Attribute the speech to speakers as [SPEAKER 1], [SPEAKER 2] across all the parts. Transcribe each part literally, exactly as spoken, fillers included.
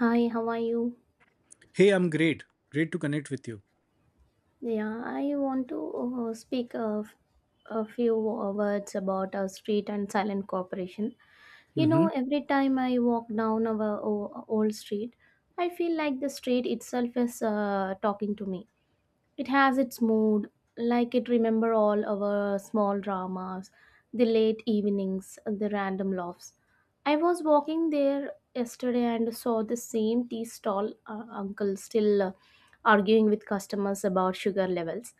[SPEAKER 1] Hi, how are you?
[SPEAKER 2] Hey, I'm great. Great to connect with you.
[SPEAKER 1] Yeah, I want to uh, speak of a few wo- words about our street and silent cooperation. You know,
[SPEAKER 2] Hmm.
[SPEAKER 1] every time I walk down our o- old street, I feel like the street itself is uh, talking to me. It has its mood, like it remember all our small dramas, the late evenings, the random laughs. I was walking there yesterday and saw the same tea stall uh, uncle still uh, arguing with customers about sugar levels,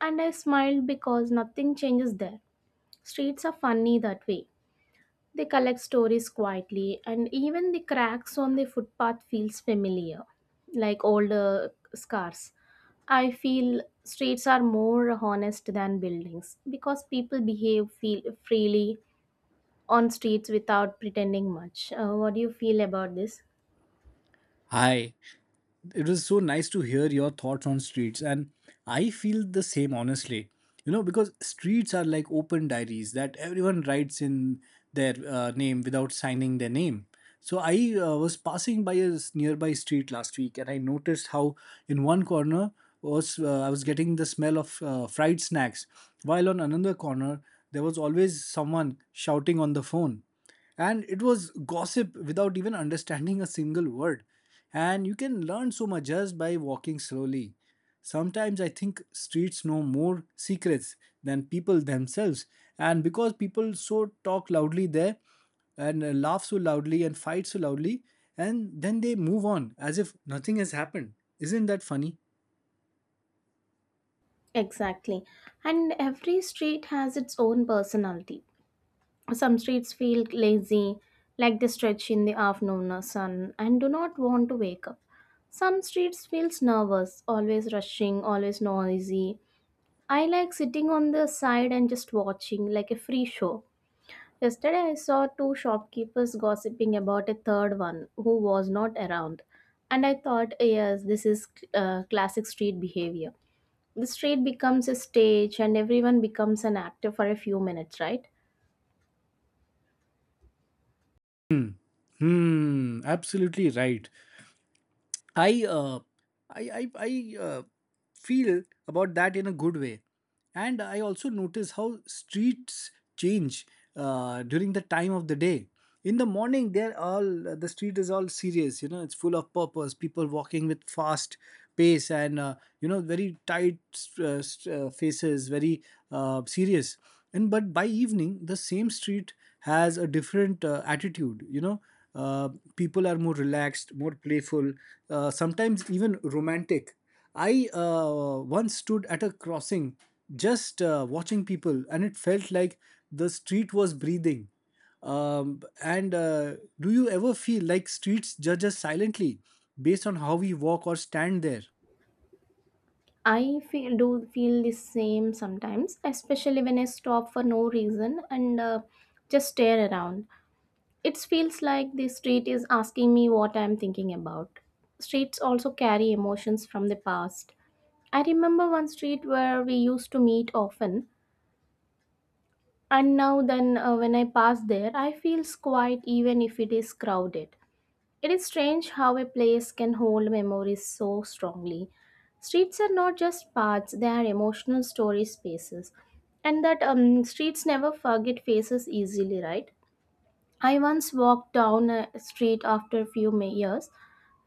[SPEAKER 1] and I smiled because nothing changes there. Streets are funny that way. They collect stories quietly, and even the cracks on the footpath feels familiar, like older scars. I feel streets are more honest than buildings because people behave feel freely on streets without pretending much. Uh, what do you feel about this?
[SPEAKER 2] Hi. It was so nice to hear your thoughts on streets, and I feel the same, honestly. You know because streets are like open diaries that everyone writes in their uh, name without signing their name. So I uh, was passing by a s- nearby street last week, and I noticed how in one corner was uh, I was getting the smell of uh, fried snacks, while on another corner there was always someone shouting on the phone, and it was gossip without even understanding a single word. And you can learn so much just by walking slowly. Sometimes I think streets know more secrets than people themselves, and because people so talk loudly there and uh, laugh so loudly and fight so loudly, and then they move on as if nothing has happened. Isn't that funny?
[SPEAKER 1] Exactly. And every street has its own personality. Some streets feel lazy, like they stretch in the afternoon sun and do not want to wake up. Some streets feels nervous, always rushing, always noisy. I like sitting on the side and just watching like a free show. Yesterday I saw two shopkeepers gossiping about a third one who was not around. And I thought, yes, this is uh, classic street behavior. The street becomes a stage and everyone becomes an actor for a few minutes, right?
[SPEAKER 2] Hmm. Hmm. Absolutely right. I uh, I I, I uh, feel about that in a good way, and I also notice how streets change uh, during the time of the day. In the morning they're all the street is all serious, you know, it's full of purpose, people walking with fast pace and uh, you know, very tight uh, st- uh, faces, very uh, serious. And but by evening the same street has a different uh, attitude, you know. uh, People are more relaxed, more playful, uh, sometimes even romantic. I uh, once stood at a crossing, just uh, watching people, and it felt like the street was breathing. Um, and uh, do you ever feel like streets judge us silently based on how we walk or stand there?
[SPEAKER 1] I feel, do feel the same sometimes, especially when I stop for no reason and uh, just stare around. It feels like the street is asking me what I'm thinking about. Streets also carry emotions from the past. I remember one street where we used to meet often, and now then uh, when I pass there, I feel quiet even if it is crowded. It is strange how a place can hold memories so strongly. Streets are not just paths, they are emotional story spaces. And that um, streets never forget faces easily, right? I once walked down a street after a few ma- years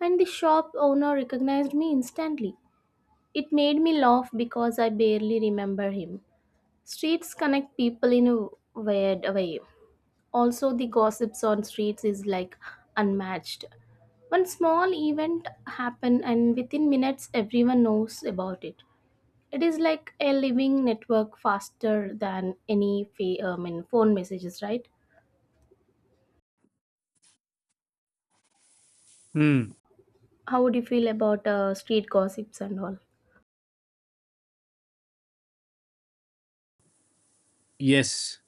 [SPEAKER 1] and the shop owner recognized me instantly. It made me laugh because I barely remember him. Streets connect people in a weird way. Also the gossips on streets is like unmatched. One small event happen and within minutes everyone knows about it. It is like a living network faster than any fa- I mean, phone messages, right?
[SPEAKER 2] Hmm.
[SPEAKER 1] How would you feel about uh, street gossips and all?
[SPEAKER 2] Yes.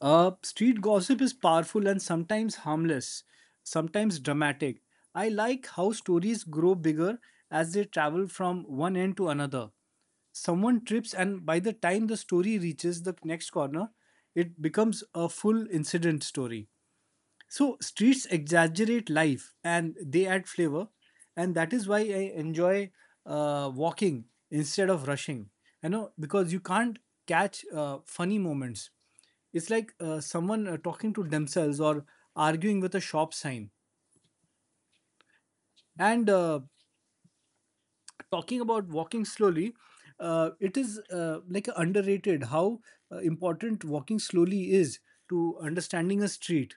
[SPEAKER 2] Uh, street gossip is powerful and sometimes harmless, sometimes dramatic. I like how stories grow bigger as they travel from one end to another. Someone trips, and by the time the story reaches the next corner, it becomes a full incident story. So streets exaggerate life and they add flavor, and that is why I enjoy uh, walking instead of rushing. You know, because you can't catch uh, funny moments. It's like uh, someone uh, talking to themselves or arguing with a shop sign. And uh, Talking about walking slowly, uh, it is uh, like underrated how uh, important walking slowly is to understanding a street.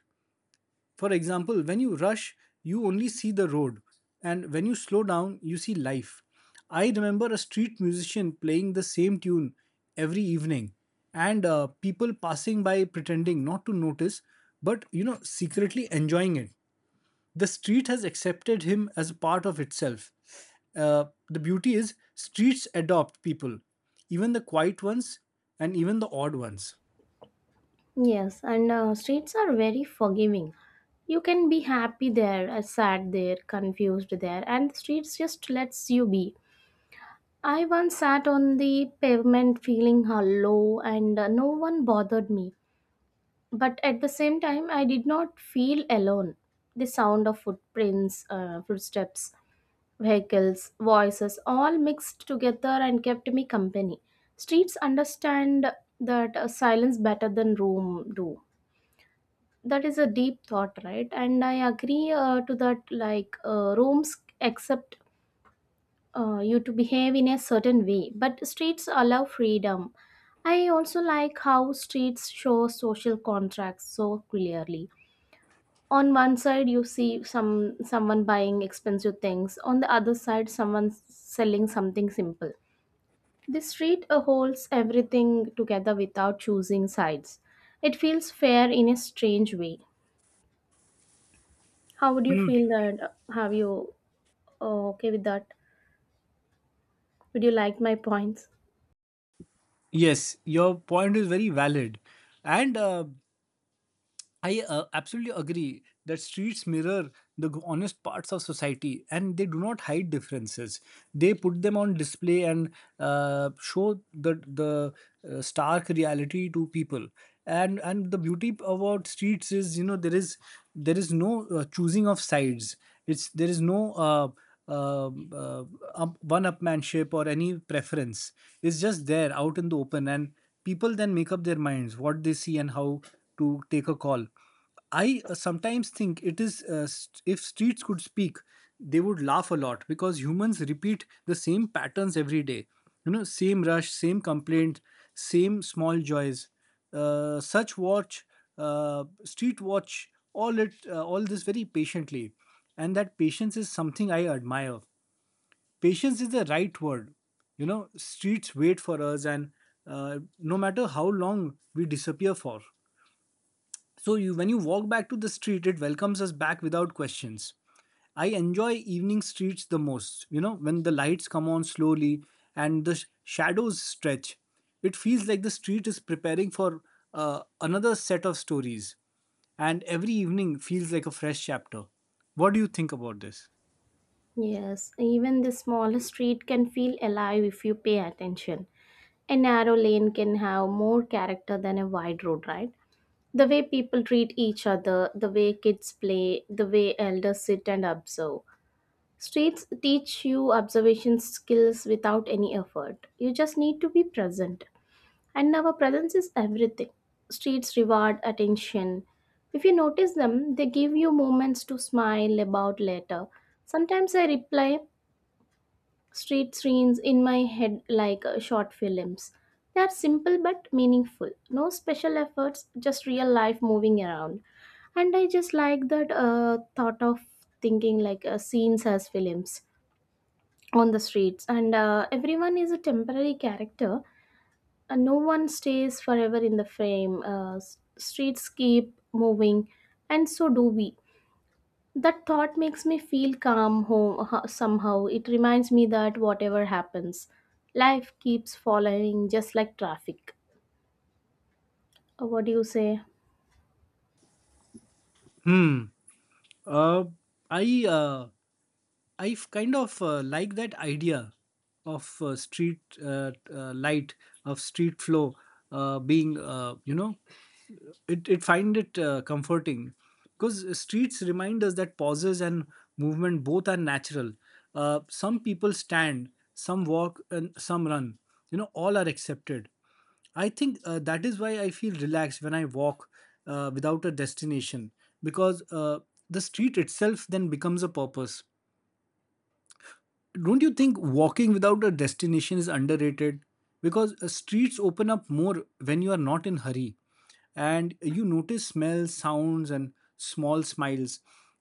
[SPEAKER 2] For example, when you rush, you only see the road, and when you slow down, you see life. I remember a street musician playing the same tune every evening, and uh, people passing by pretending not to notice, but you know, secretly enjoying it. The street has accepted him as a part of itself. Uh, the beauty is, streets adopt people, even the quiet ones and even the odd ones.
[SPEAKER 1] Yes, and uh, streets are very forgiving. You can be happy there, uh, sad there, confused there, and streets just lets you be. I once sat on the pavement feeling hollow and uh, no one bothered me. But at the same time, I did not feel alone. The sound of footprints, uh, footsteps, vehicles, voices all mixed together and kept me company. Streets understand that uh, silence better than room do. That is a deep thought, right? And I agree uh, to that, like, uh, rooms accept uh, you to behave in a certain way, but streets allow freedom. I also like how streets show social contracts so clearly. On one side you see some someone buying expensive things, on the other side someone selling something simple. The street uh, holds everything together without choosing sides. It feels fair in a strange way. How would you
[SPEAKER 2] Hmm.
[SPEAKER 1] feel that? Have you uh, okay with that? Would you like my points?
[SPEAKER 2] Yes, your point is very valid. And uh, I uh, absolutely agree that streets mirror the g- honest parts of society, and they do not hide differences. They put them on display and uh, show the, the uh, stark reality to people. And, and the beauty about streets is, you know, there is there is no uh, choosing of sides. It's There is no uh, uh, uh, up, one upmanship or any preference. It's just there out in the open, and people then make up their minds what they see and how to take a call. I uh, sometimes think, it is uh, st- if streets could speak, they would laugh a lot because humans repeat the same patterns every day, you know, same rush, same complaint, same small joys. Uh, such watch uh, Street watch all it uh, all this very patiently, and that patience is something I admire. Patience is the right word. You know, streets wait for us, and uh, no matter how long we disappear for. So you, when you walk back to the street, it welcomes us back without questions. I enjoy evening streets the most. You know, when the lights come on slowly and the sh- shadows stretch, it feels like the street is preparing for uh, another set of stories, and every evening feels like a fresh chapter. What do you think about this?
[SPEAKER 1] Yes, even the smallest street can feel alive if you pay attention. A narrow lane can have more character than a wide road, right? The way people treat each other, the way kids play, the way elders sit and observe. Streets teach you observation skills without any effort. You just need to be present. And our presence is everything. Streets reward attention. If you notice them, they give you moments to smile about later. Sometimes I reply, street scenes in my head like uh, short films. They're simple but meaningful. No special efforts, just real life moving around. And I just like that uh, thought of thinking like uh, scenes as films on the streets. And uh, everyone is a temporary character. And no one stays forever in the frame. Uh, s- streets keep moving, and so do we. That thought makes me feel calm home, somehow. It reminds me that whatever happens, life keeps following just like traffic. Uh, What do you say?
[SPEAKER 2] Hmm. Uh, I uh, I kind of uh, like that idea of uh, street uh, uh, light of street flow uh, being uh, you know it, it Find it uh, comforting, because streets remind us that pauses and movement both are natural. Uh, some people stand, some walk, and some run, you know, all are accepted. I think uh, that is why I feel relaxed when I walk uh, without a destination, because uh, the street itself then becomes a purpose. Don't you think walking without a destination is underrated? Because uh, streets open up more when you are not in hurry, and you notice smells, sounds, and small smiles.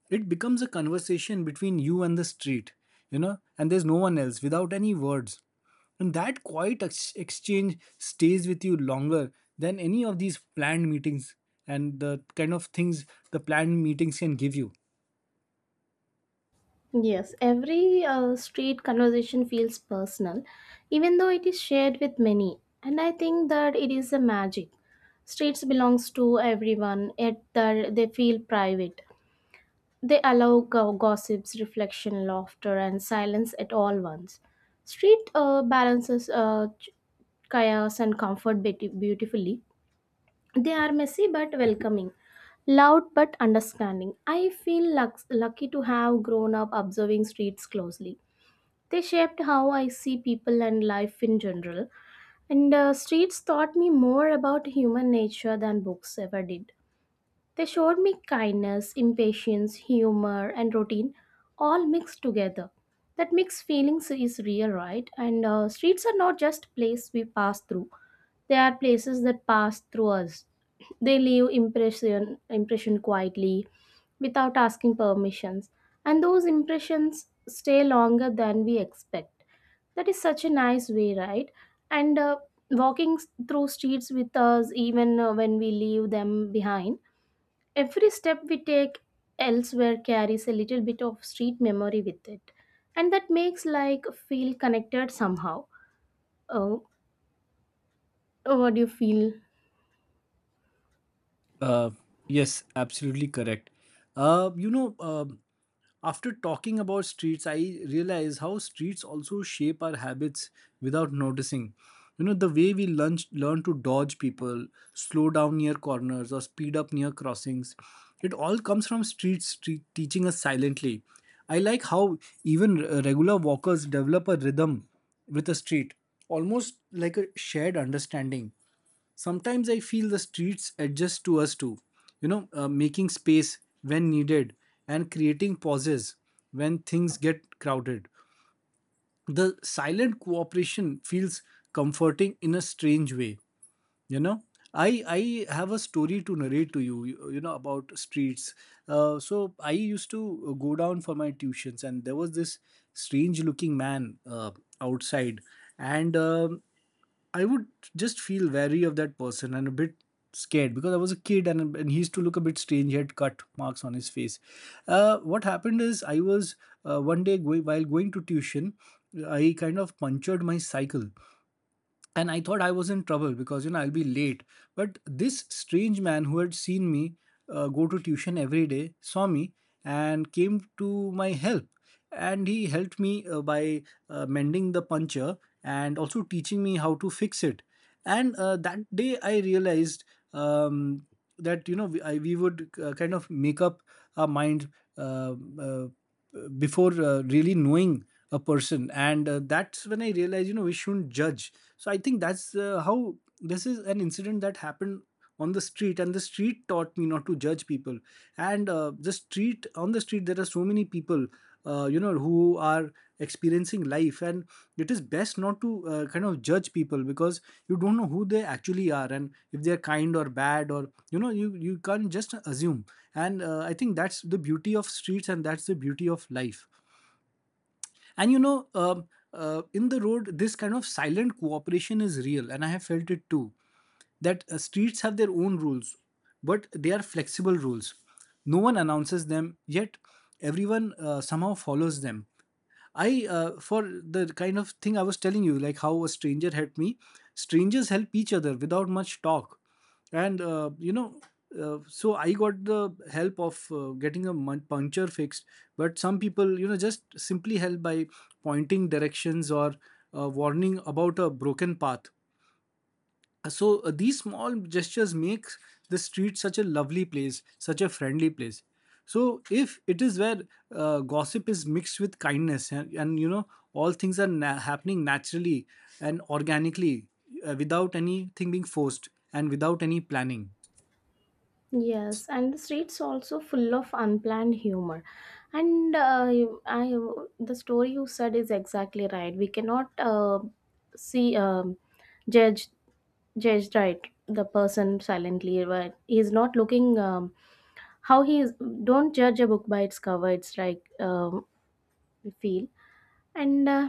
[SPEAKER 2] It becomes a conversation between you and the street, you know, and there's no one else without any words. And that quiet ex- exchange stays with you longer than any of these planned meetings and the kind of things the planned meetings can give you.
[SPEAKER 1] Yes, every uh, street conversation feels personal, even though it is shared with many. And I think that it is a magic. Streets belongs to everyone, yet they're- they feel private. They allow go- gossips, reflection, laughter, and silence at all once. Street uh, balances uh, ch- chaos and comfort beauti- beautifully. They are messy but welcoming, loud but understanding. I feel lux- lucky to have grown up observing streets closely. They shaped how I see people and life in general. And uh, streets taught me more about human nature than books ever did. They showed me kindness, impatience, humor, and routine all mixed together. That mixed feelings is real, right? And uh, streets are not just places we pass through, they are places that pass through us. They leave impression, impression quietly without asking permissions, and those impressions stay longer than we expect. That is such a nice way, right? And uh, walking s- through streets with us, even uh, when we leave them behind. Every step we take elsewhere carries a little bit of street memory with it, and that makes like feel connected somehow. Oh, what do you feel?
[SPEAKER 2] Uh, yes, absolutely correct. Uh, you know, um After talking about streets, I realize how streets also shape our habits without noticing. You know, the way we learn, learn to dodge people, slow down near corners, or speed up near crossings, it all comes from streets street teaching us silently. I like how even uh, regular walkers develop a rhythm with a street, almost like a shared understanding. Sometimes I feel the streets adjust to us too, you know, uh, making space when needed and creating pauses when things get crowded. The silent cooperation feels comforting in a strange way, you know. I i have a story to narrate to you you, you, know, about streets. Uh, so I used to uh, go down for my tuitions, and there was this strange looking man uh, outside. And um, I would just feel wary of that person, and a bit scared because I was a kid. And, and he used to look a bit strange, he had cut marks on his face. Uh, what happened is, I was uh, one day going, while going to tuition, I kind of punctured my cycle, and I thought I was in trouble because, you know, I'll be late. But this strange man who had seen me uh, go to tuition every day saw me and came to my help, and he helped me uh, by uh, mending the puncture and also teaching me how to fix it. And uh, that day I realized um, that, you know, we, I, we would uh, kind of make up our mind uh, uh, before uh, really knowing a person. And uh, that's when I realized, you know, we shouldn't judge. So I think that's uh, how this is an incident that happened on the street, and the street taught me not to judge people. And uh, the street On the street there are so many people, uh, you know, who are experiencing life, and it is best not to uh, kind of judge people, because you don't know who they actually are, and if they are kind or bad, or you know, you you can't just assume. And uh, I think that's the beauty of streets, and that's the beauty of life. And you know, um, uh, in the road, this kind of silent cooperation is real, and I have felt it too. That uh, streets have their own rules, but they are flexible rules. No one announces them, yet everyone uh, somehow follows them. I uh, for the kind of thing I was telling you, like how a stranger helped me. Strangers help each other without much talk, and uh, you know. Uh, so I got the help of uh, getting a mun- puncture fixed, but some people, you know, just simply help by pointing directions or uh, warning about a broken path. Uh, So uh, these small gestures make the street such a lovely place, such a friendly place. So if it is where uh, gossip is mixed with kindness, and, and you know, all things are na- happening naturally and organically, uh, without anything being forced and without any planning.
[SPEAKER 1] Yes, and the streets also full of unplanned humor, and uh, you- I, the story you said is exactly right. We cannot uh, see um, judge judged right the person silently, but he's not looking um, how he is. Don't judge a book by its cover, it's like, um, we feel. And uh,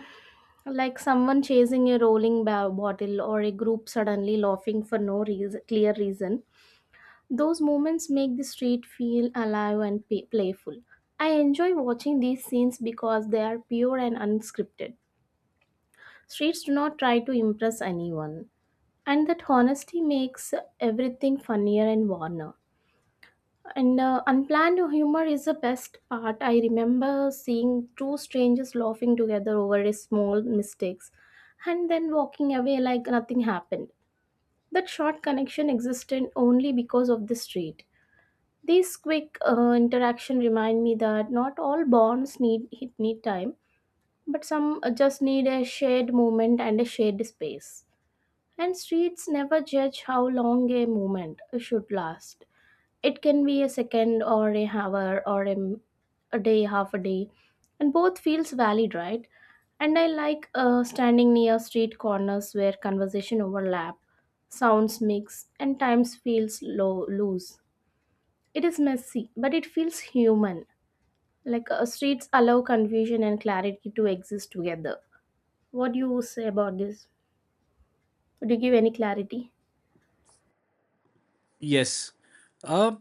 [SPEAKER 1] like someone chasing a rolling ba- bottle or a group suddenly laughing for no reason, clear reason, those moments make the street feel alive and pa- playful. I enjoy watching these scenes because they are pure and unscripted. Streets do not try to impress anyone, and that honesty makes everything funnier and warmer. And uh, unplanned humor is the best part. I remember seeing two strangers laughing together over a small mistakes and then walking away like nothing happened. That short connection existed only because of the street. This quick uh, interaction remind me that not all bonds need need time, but some uh, just need a shared moment and a shared space. And streets never judge how long a moment should last. It can be a second or a hour or a, m- a day, half a day, and both feels valid, right? And I like uh, standing near street corners where conversation overlap, sounds mix and times feels low loose. It is messy but it feels human, like uh, streets allow confusion and clarity to exist together. What do you say about this? Would you give any clarity?
[SPEAKER 2] Yes. Uh,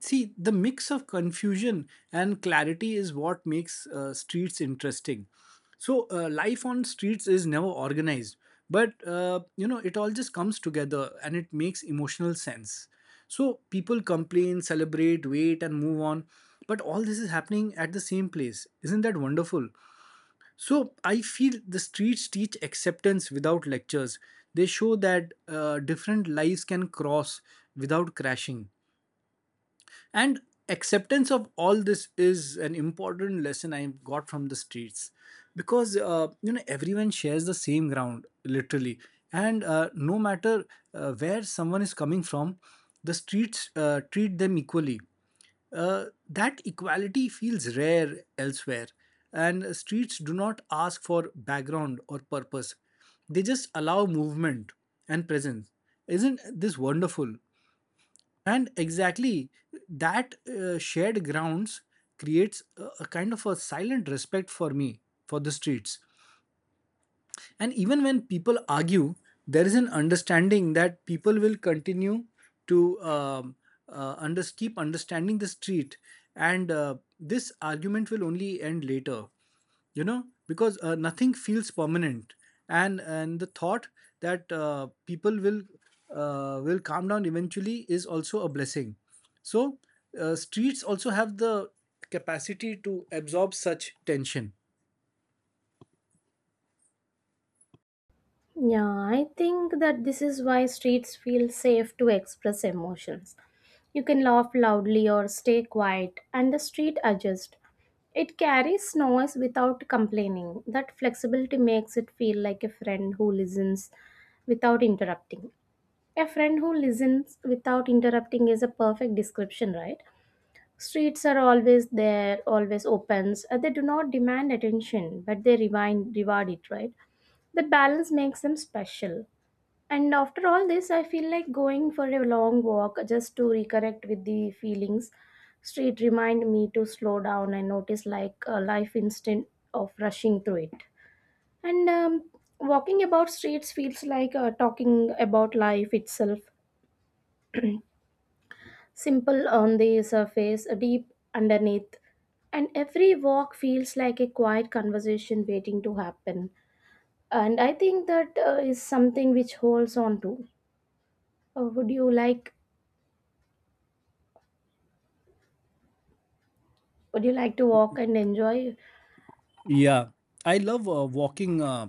[SPEAKER 2] See, the mix of confusion and clarity is what makes uh, streets interesting. So, uh, life on streets is never organized, but uh, you know, it all just comes together and it makes emotional sense. So, people complain, celebrate, wait, and move on. But all this is happening at the same place. Isn't that wonderful? So I feel the streets teach acceptance without lectures. They show that uh, different lives can cross without crashing, and acceptance of all this is an important lesson I got from the streets, because uh, you know everyone shares the same ground literally. And uh, no matter uh, where someone is coming from, the streets uh, treat them equally. Uh, that equality feels rare elsewhere, and streets do not ask for background or purpose. They just allow movement and presence. Isn't this wonderful? And exactly that uh, shared grounds creates a, a kind of a silent respect for me for the streets. And even when people argue, there is an understanding that people will continue to um, uh, under, keep understanding the street, and uh, this argument will only end later, you know, because uh, nothing feels permanent. And and the thought that uh, people will uh, will calm down eventually is also a blessing. So uh, streets also have the capacity to absorb such tension.
[SPEAKER 1] Yeah, I think that this is why streets feel safe to express emotions. You can laugh loudly or stay quiet, and the street adjusts. It carries noise without complaining. That flexibility makes it feel like a friend who listens without interrupting. A friend who listens without interrupting is a perfect description, right? Streets are always there, always opens. Uh, They do not demand attention, but they remind, reward it, right? That balance makes them special. And after all this, I feel like going for a long walk just to reconnect with the feelings. Street remind me to slow down and notice like a life instant of rushing through it. And um, walking about streets feels like uh, talking about life itself. Simple on the surface, deep underneath. And every walk feels like a quiet conversation waiting to happen. And I think that uh, is something which holds on to. Uh, would you like would you like to walk and enjoy?
[SPEAKER 2] Yeah, I love uh, walking, uh,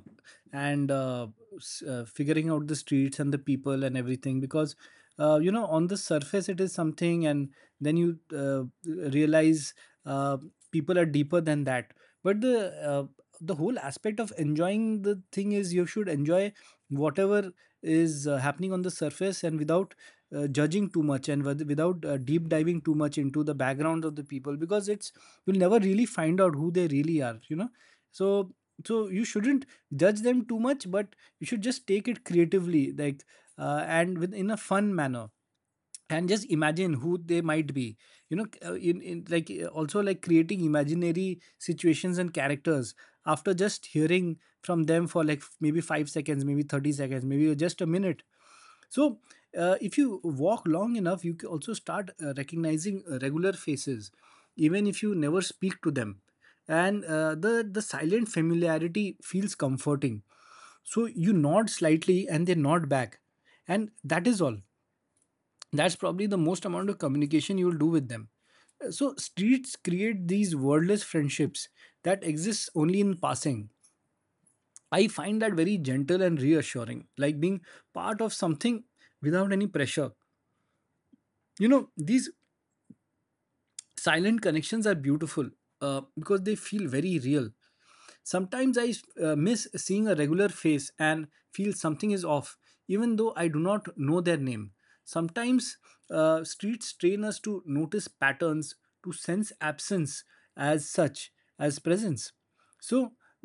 [SPEAKER 2] and uh, s- uh, figuring out the streets and the people and everything. Because uh, you know on the surface it is something, and then you uh, realize uh, people are deeper than that. But the uh, the whole aspect of enjoying the thing is you should enjoy whatever is uh, happening on the surface, and without uh, judging too much, and with- without uh, deep diving too much into the background of the people, because it's you'll never really find out who they really are, you know. So so you shouldn't judge them too much, but you should just take it creatively, like, uh, and with in a fun manner, and just imagine who they might be, you know, uh, in, in like, uh, also like creating imaginary situations and characters after just hearing from them for like f- maybe five seconds, maybe thirty seconds, maybe just a minute. So, uh, if you walk long enough, you can also start uh, recognizing uh, regular faces, even if you never speak to them. And uh, the the silent familiarity feels comforting. So you nod slightly, and they nod back, and that is all. That's probably the most amount of communication you will do with them. Uh, So streets create these wordless friendships that exist only in passing. I find that very gentle and reassuring, like being part of something without any pressure. You know, these silent connections are beautiful, uh, because they feel very real. Sometimes I uh, miss seeing a regular face and feel something is off, even though I do not know their name. Sometimes uh, streets train us to notice patterns, to sense absence as such as presence. So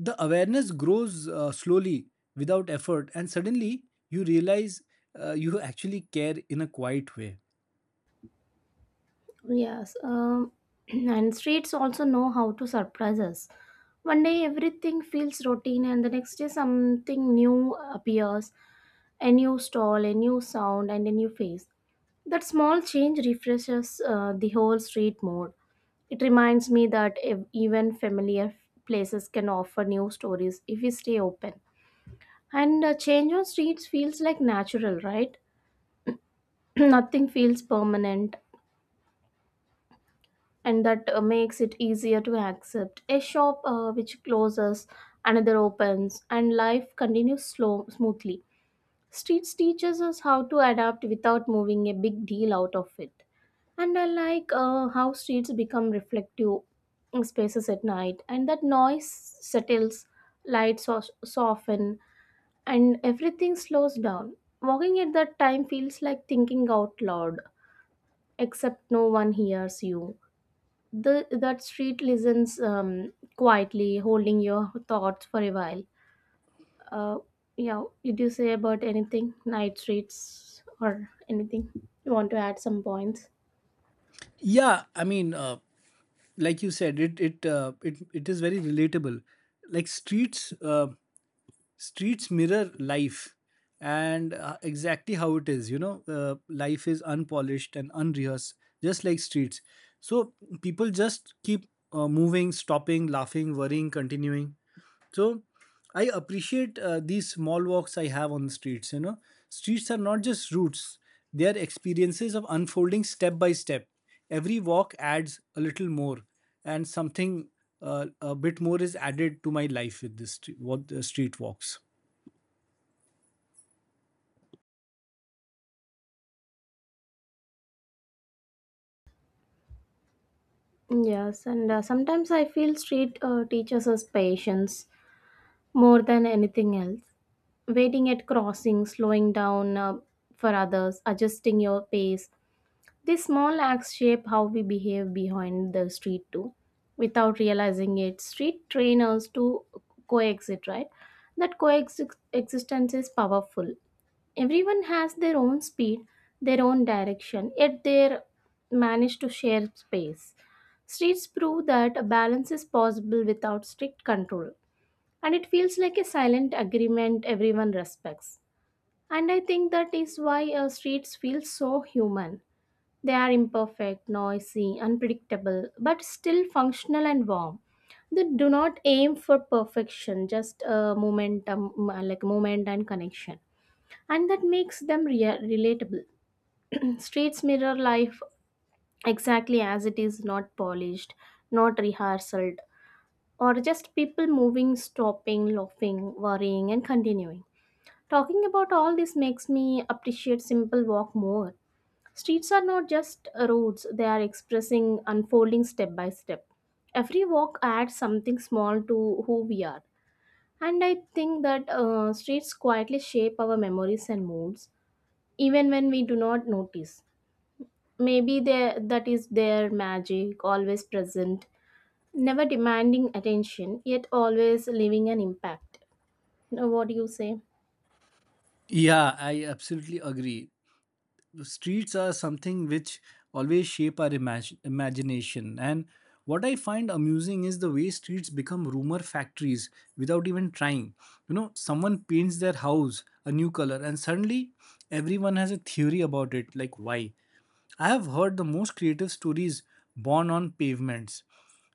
[SPEAKER 2] the awareness grows uh, slowly, without effort, and suddenly you realize uh, you actually care in a quiet way.
[SPEAKER 1] Yes, um, and streets also know how to surprise us. One day everything feels routine and the next day something new appears, a new stall, a new sound and a new face. That small change refreshes uh, the whole street mood. It reminds me that ev- even familiar places can offer new stories if we stay open. And uh, change on streets feels like natural, right? Nothing feels permanent, and that uh, makes it easier to accept. A shop uh, which closes, another opens, and life continues slow, smoothly. Streets teaches us how to adapt without moving a big deal out of it. And I like uh, how streets become reflective spaces at night, and that noise settles, lights so- soften, and everything slows down. Walking at that time feels like thinking out loud, except no one hears you. The That street listens um, quietly, holding your thoughts for a while. Uh, yeah, did you say about anything? Night streets or anything? You want to add some points?
[SPEAKER 2] Yeah, I mean, uh, like you said it it uh, it it is very relatable. Like streets uh, streets mirror life, and uh, exactly how it is. You know, uh, life is unpolished and unrehearsed, just like streets. So people just keep uh, moving, stopping, laughing, worrying, continuing. So I appreciate uh, these small walks I have on the streets. You know, streets are not just routes, they are experiences of unfolding step by step. Every walk adds a little more, and something uh, a bit more is added to my life with this st- what the street walks.
[SPEAKER 1] Yes, and uh, sometimes I feel street uh, teaches us patience more than anything else. Waiting at crossings, slowing down uh, for others, adjusting your pace, these small acts shape how we behave behind the street too. Without realizing it, street train us to coexist, right? That coexistence is powerful. Everyone has their own speed, their own direction, yet they manage to share space. Streets prove that a balance is possible without strict control, and it feels like a silent agreement everyone respects. And I think that is why uh, streets feel so human. They are imperfect, noisy, unpredictable, but still functional and warm. They do not aim for perfection, just a momentum, m- uh, like moment and connection, and that makes them rea- relatable. Streets mirror life exactly as it is, not polished, not rehearsed, or just people moving, stopping, laughing, worrying, and continuing. Talking about all this makes me appreciate simple walk more. Streets are not just roads, they are expressing unfolding step by step. Every walk adds something small to who we are. And I think that uh, streets quietly shape our memories and moods, even when we do not notice. Maybe they, that is their magic, always present, never demanding attention, yet always leaving an impact. Now, what do you say?
[SPEAKER 2] Yeah, I absolutely agree. The streets are something which always shape our imag- imagination. And what I find amusing is the way streets become rumor factories without even trying. You know, someone paints their house a new color, and suddenly everyone has a theory about it, like why. I have heard the most creative stories born on pavements.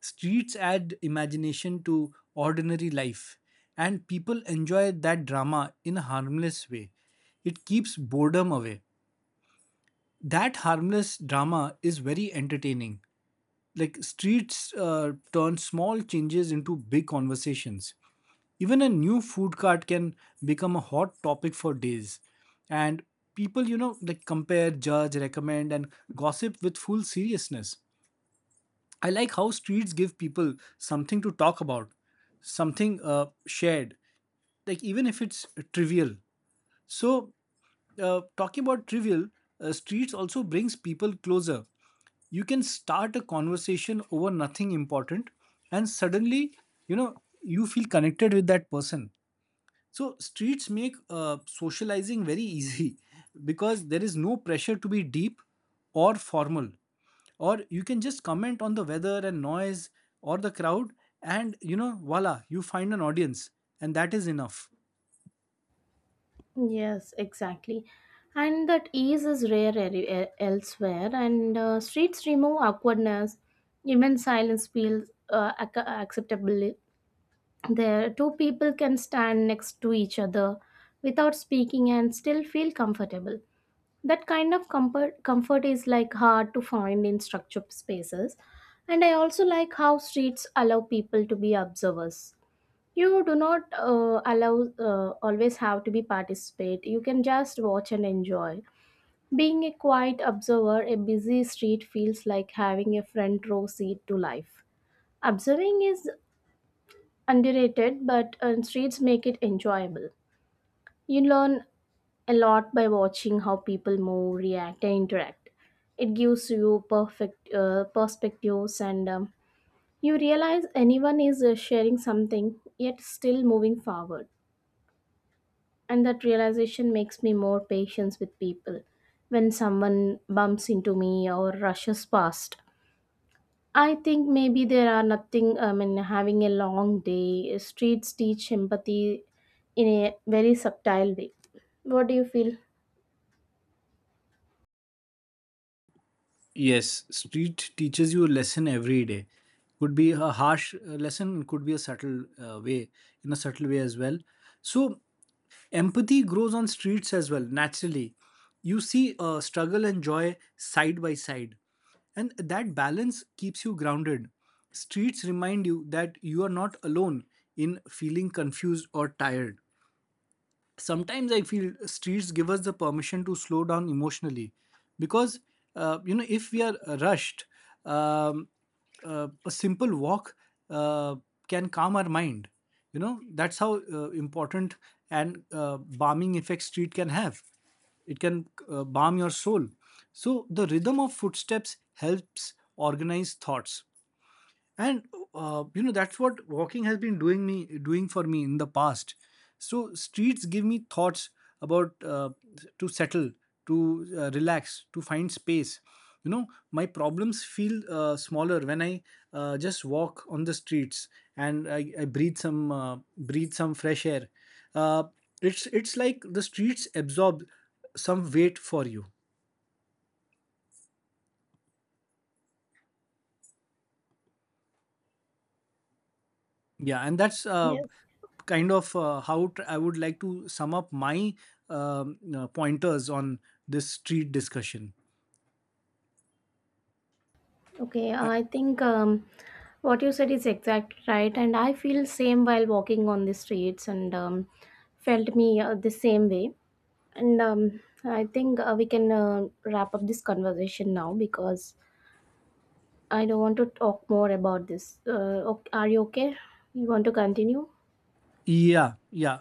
[SPEAKER 2] Streets add imagination to ordinary life, and people enjoy that drama in a harmless way. It keeps boredom away. That harmless drama is very entertaining. Like streets uh, turn small changes into big conversations. Even a new food cart can become a hot topic for days. And people, you know, like compare, judge, recommend, and gossip with full seriousness. I like how streets give people something to talk about, something uh, shared, like, even if it's trivial. So, uh, talking about trivial, uh, streets also brings people closer. You can start a conversation over nothing important, and suddenly, you know, you feel connected with that person. So streets make uh, socializing very easy because there is no pressure to be deep or formal. Or you can just comment on the weather and noise or the crowd, and you know, voila, you find an audience, and that is enough.
[SPEAKER 1] Yes, exactly. And that ease is rare eri- e- elsewhere, and uh, streets remove awkwardness. Even silence feels uh, ac- acceptable. There, two people can stand next to each other without speaking and still feel comfortable. That kind of comfort, comfort is like hard to find in structured spaces. And I also like how streets allow people to be observers. You do not uh, allow uh, always have to be participate. You can just watch and enjoy. Being a quiet observer, a busy street feels like having a front row seat to life. Observing is underrated, but uh, streets make it enjoyable. You learn a lot by watching how people move, react, and interact. It gives you perfect uh, perspectives, and um, you realize anyone is uh, sharing something yet still moving forward, and that realization makes me more patient with people. When someone bumps into me or rushes past, I think maybe there are nothing I mean having a long day. Streets teach empathy in a very subtle way. What do you feel?
[SPEAKER 2] Yes, street teaches you a lesson every day. Could be a harsh uh, lesson, could be a subtle uh, way, in a subtle way as well. So empathy grows on streets as well, naturally. You see uh, struggle and joy side by side. And that balance keeps you grounded. Streets remind you that you are not alone in feeling confused or tired. Sometimes I feel streets give us the permission to slow down emotionally, because uh, you know if we are rushed, um, uh, a simple walk uh, can calm our mind. You know, that's how uh, important and uh, balming effect street can have. It can uh, balm your soul. So the rhythm of footsteps helps organize thoughts. And uh, you know, that's what walking has been doing me doing for me in the past. So streets give me thoughts about, uh, to settle, to uh, relax, to find space. You know, my problems feel uh, smaller when I uh, just walk on the streets and i, I breathe some uh, breathe some fresh air. uh, it's it's like the streets absorb some weight for you. Yeah, and that's uh,
[SPEAKER 1] Yes.
[SPEAKER 2] kind of uh, how tr- I would like to sum up my um, uh, pointers on this street discussion.
[SPEAKER 1] Okay,
[SPEAKER 2] Uh,
[SPEAKER 1] I think um, what you said is exactly right, and I feel same while walking on the streets, and um, felt me uh, the same way. And um, I think uh, we can uh, wrap up this conversation now because I don't want to talk more about this. Uh, ok- are you okay? You want to continue?
[SPEAKER 2] yeah, yeah.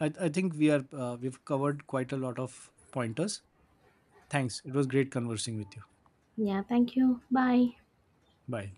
[SPEAKER 2] I, I think we are uh, we've covered quite a lot of pointers. Thanks. It was great conversing with you.
[SPEAKER 1] Yeah. Thank you. Bye.
[SPEAKER 2] Bye.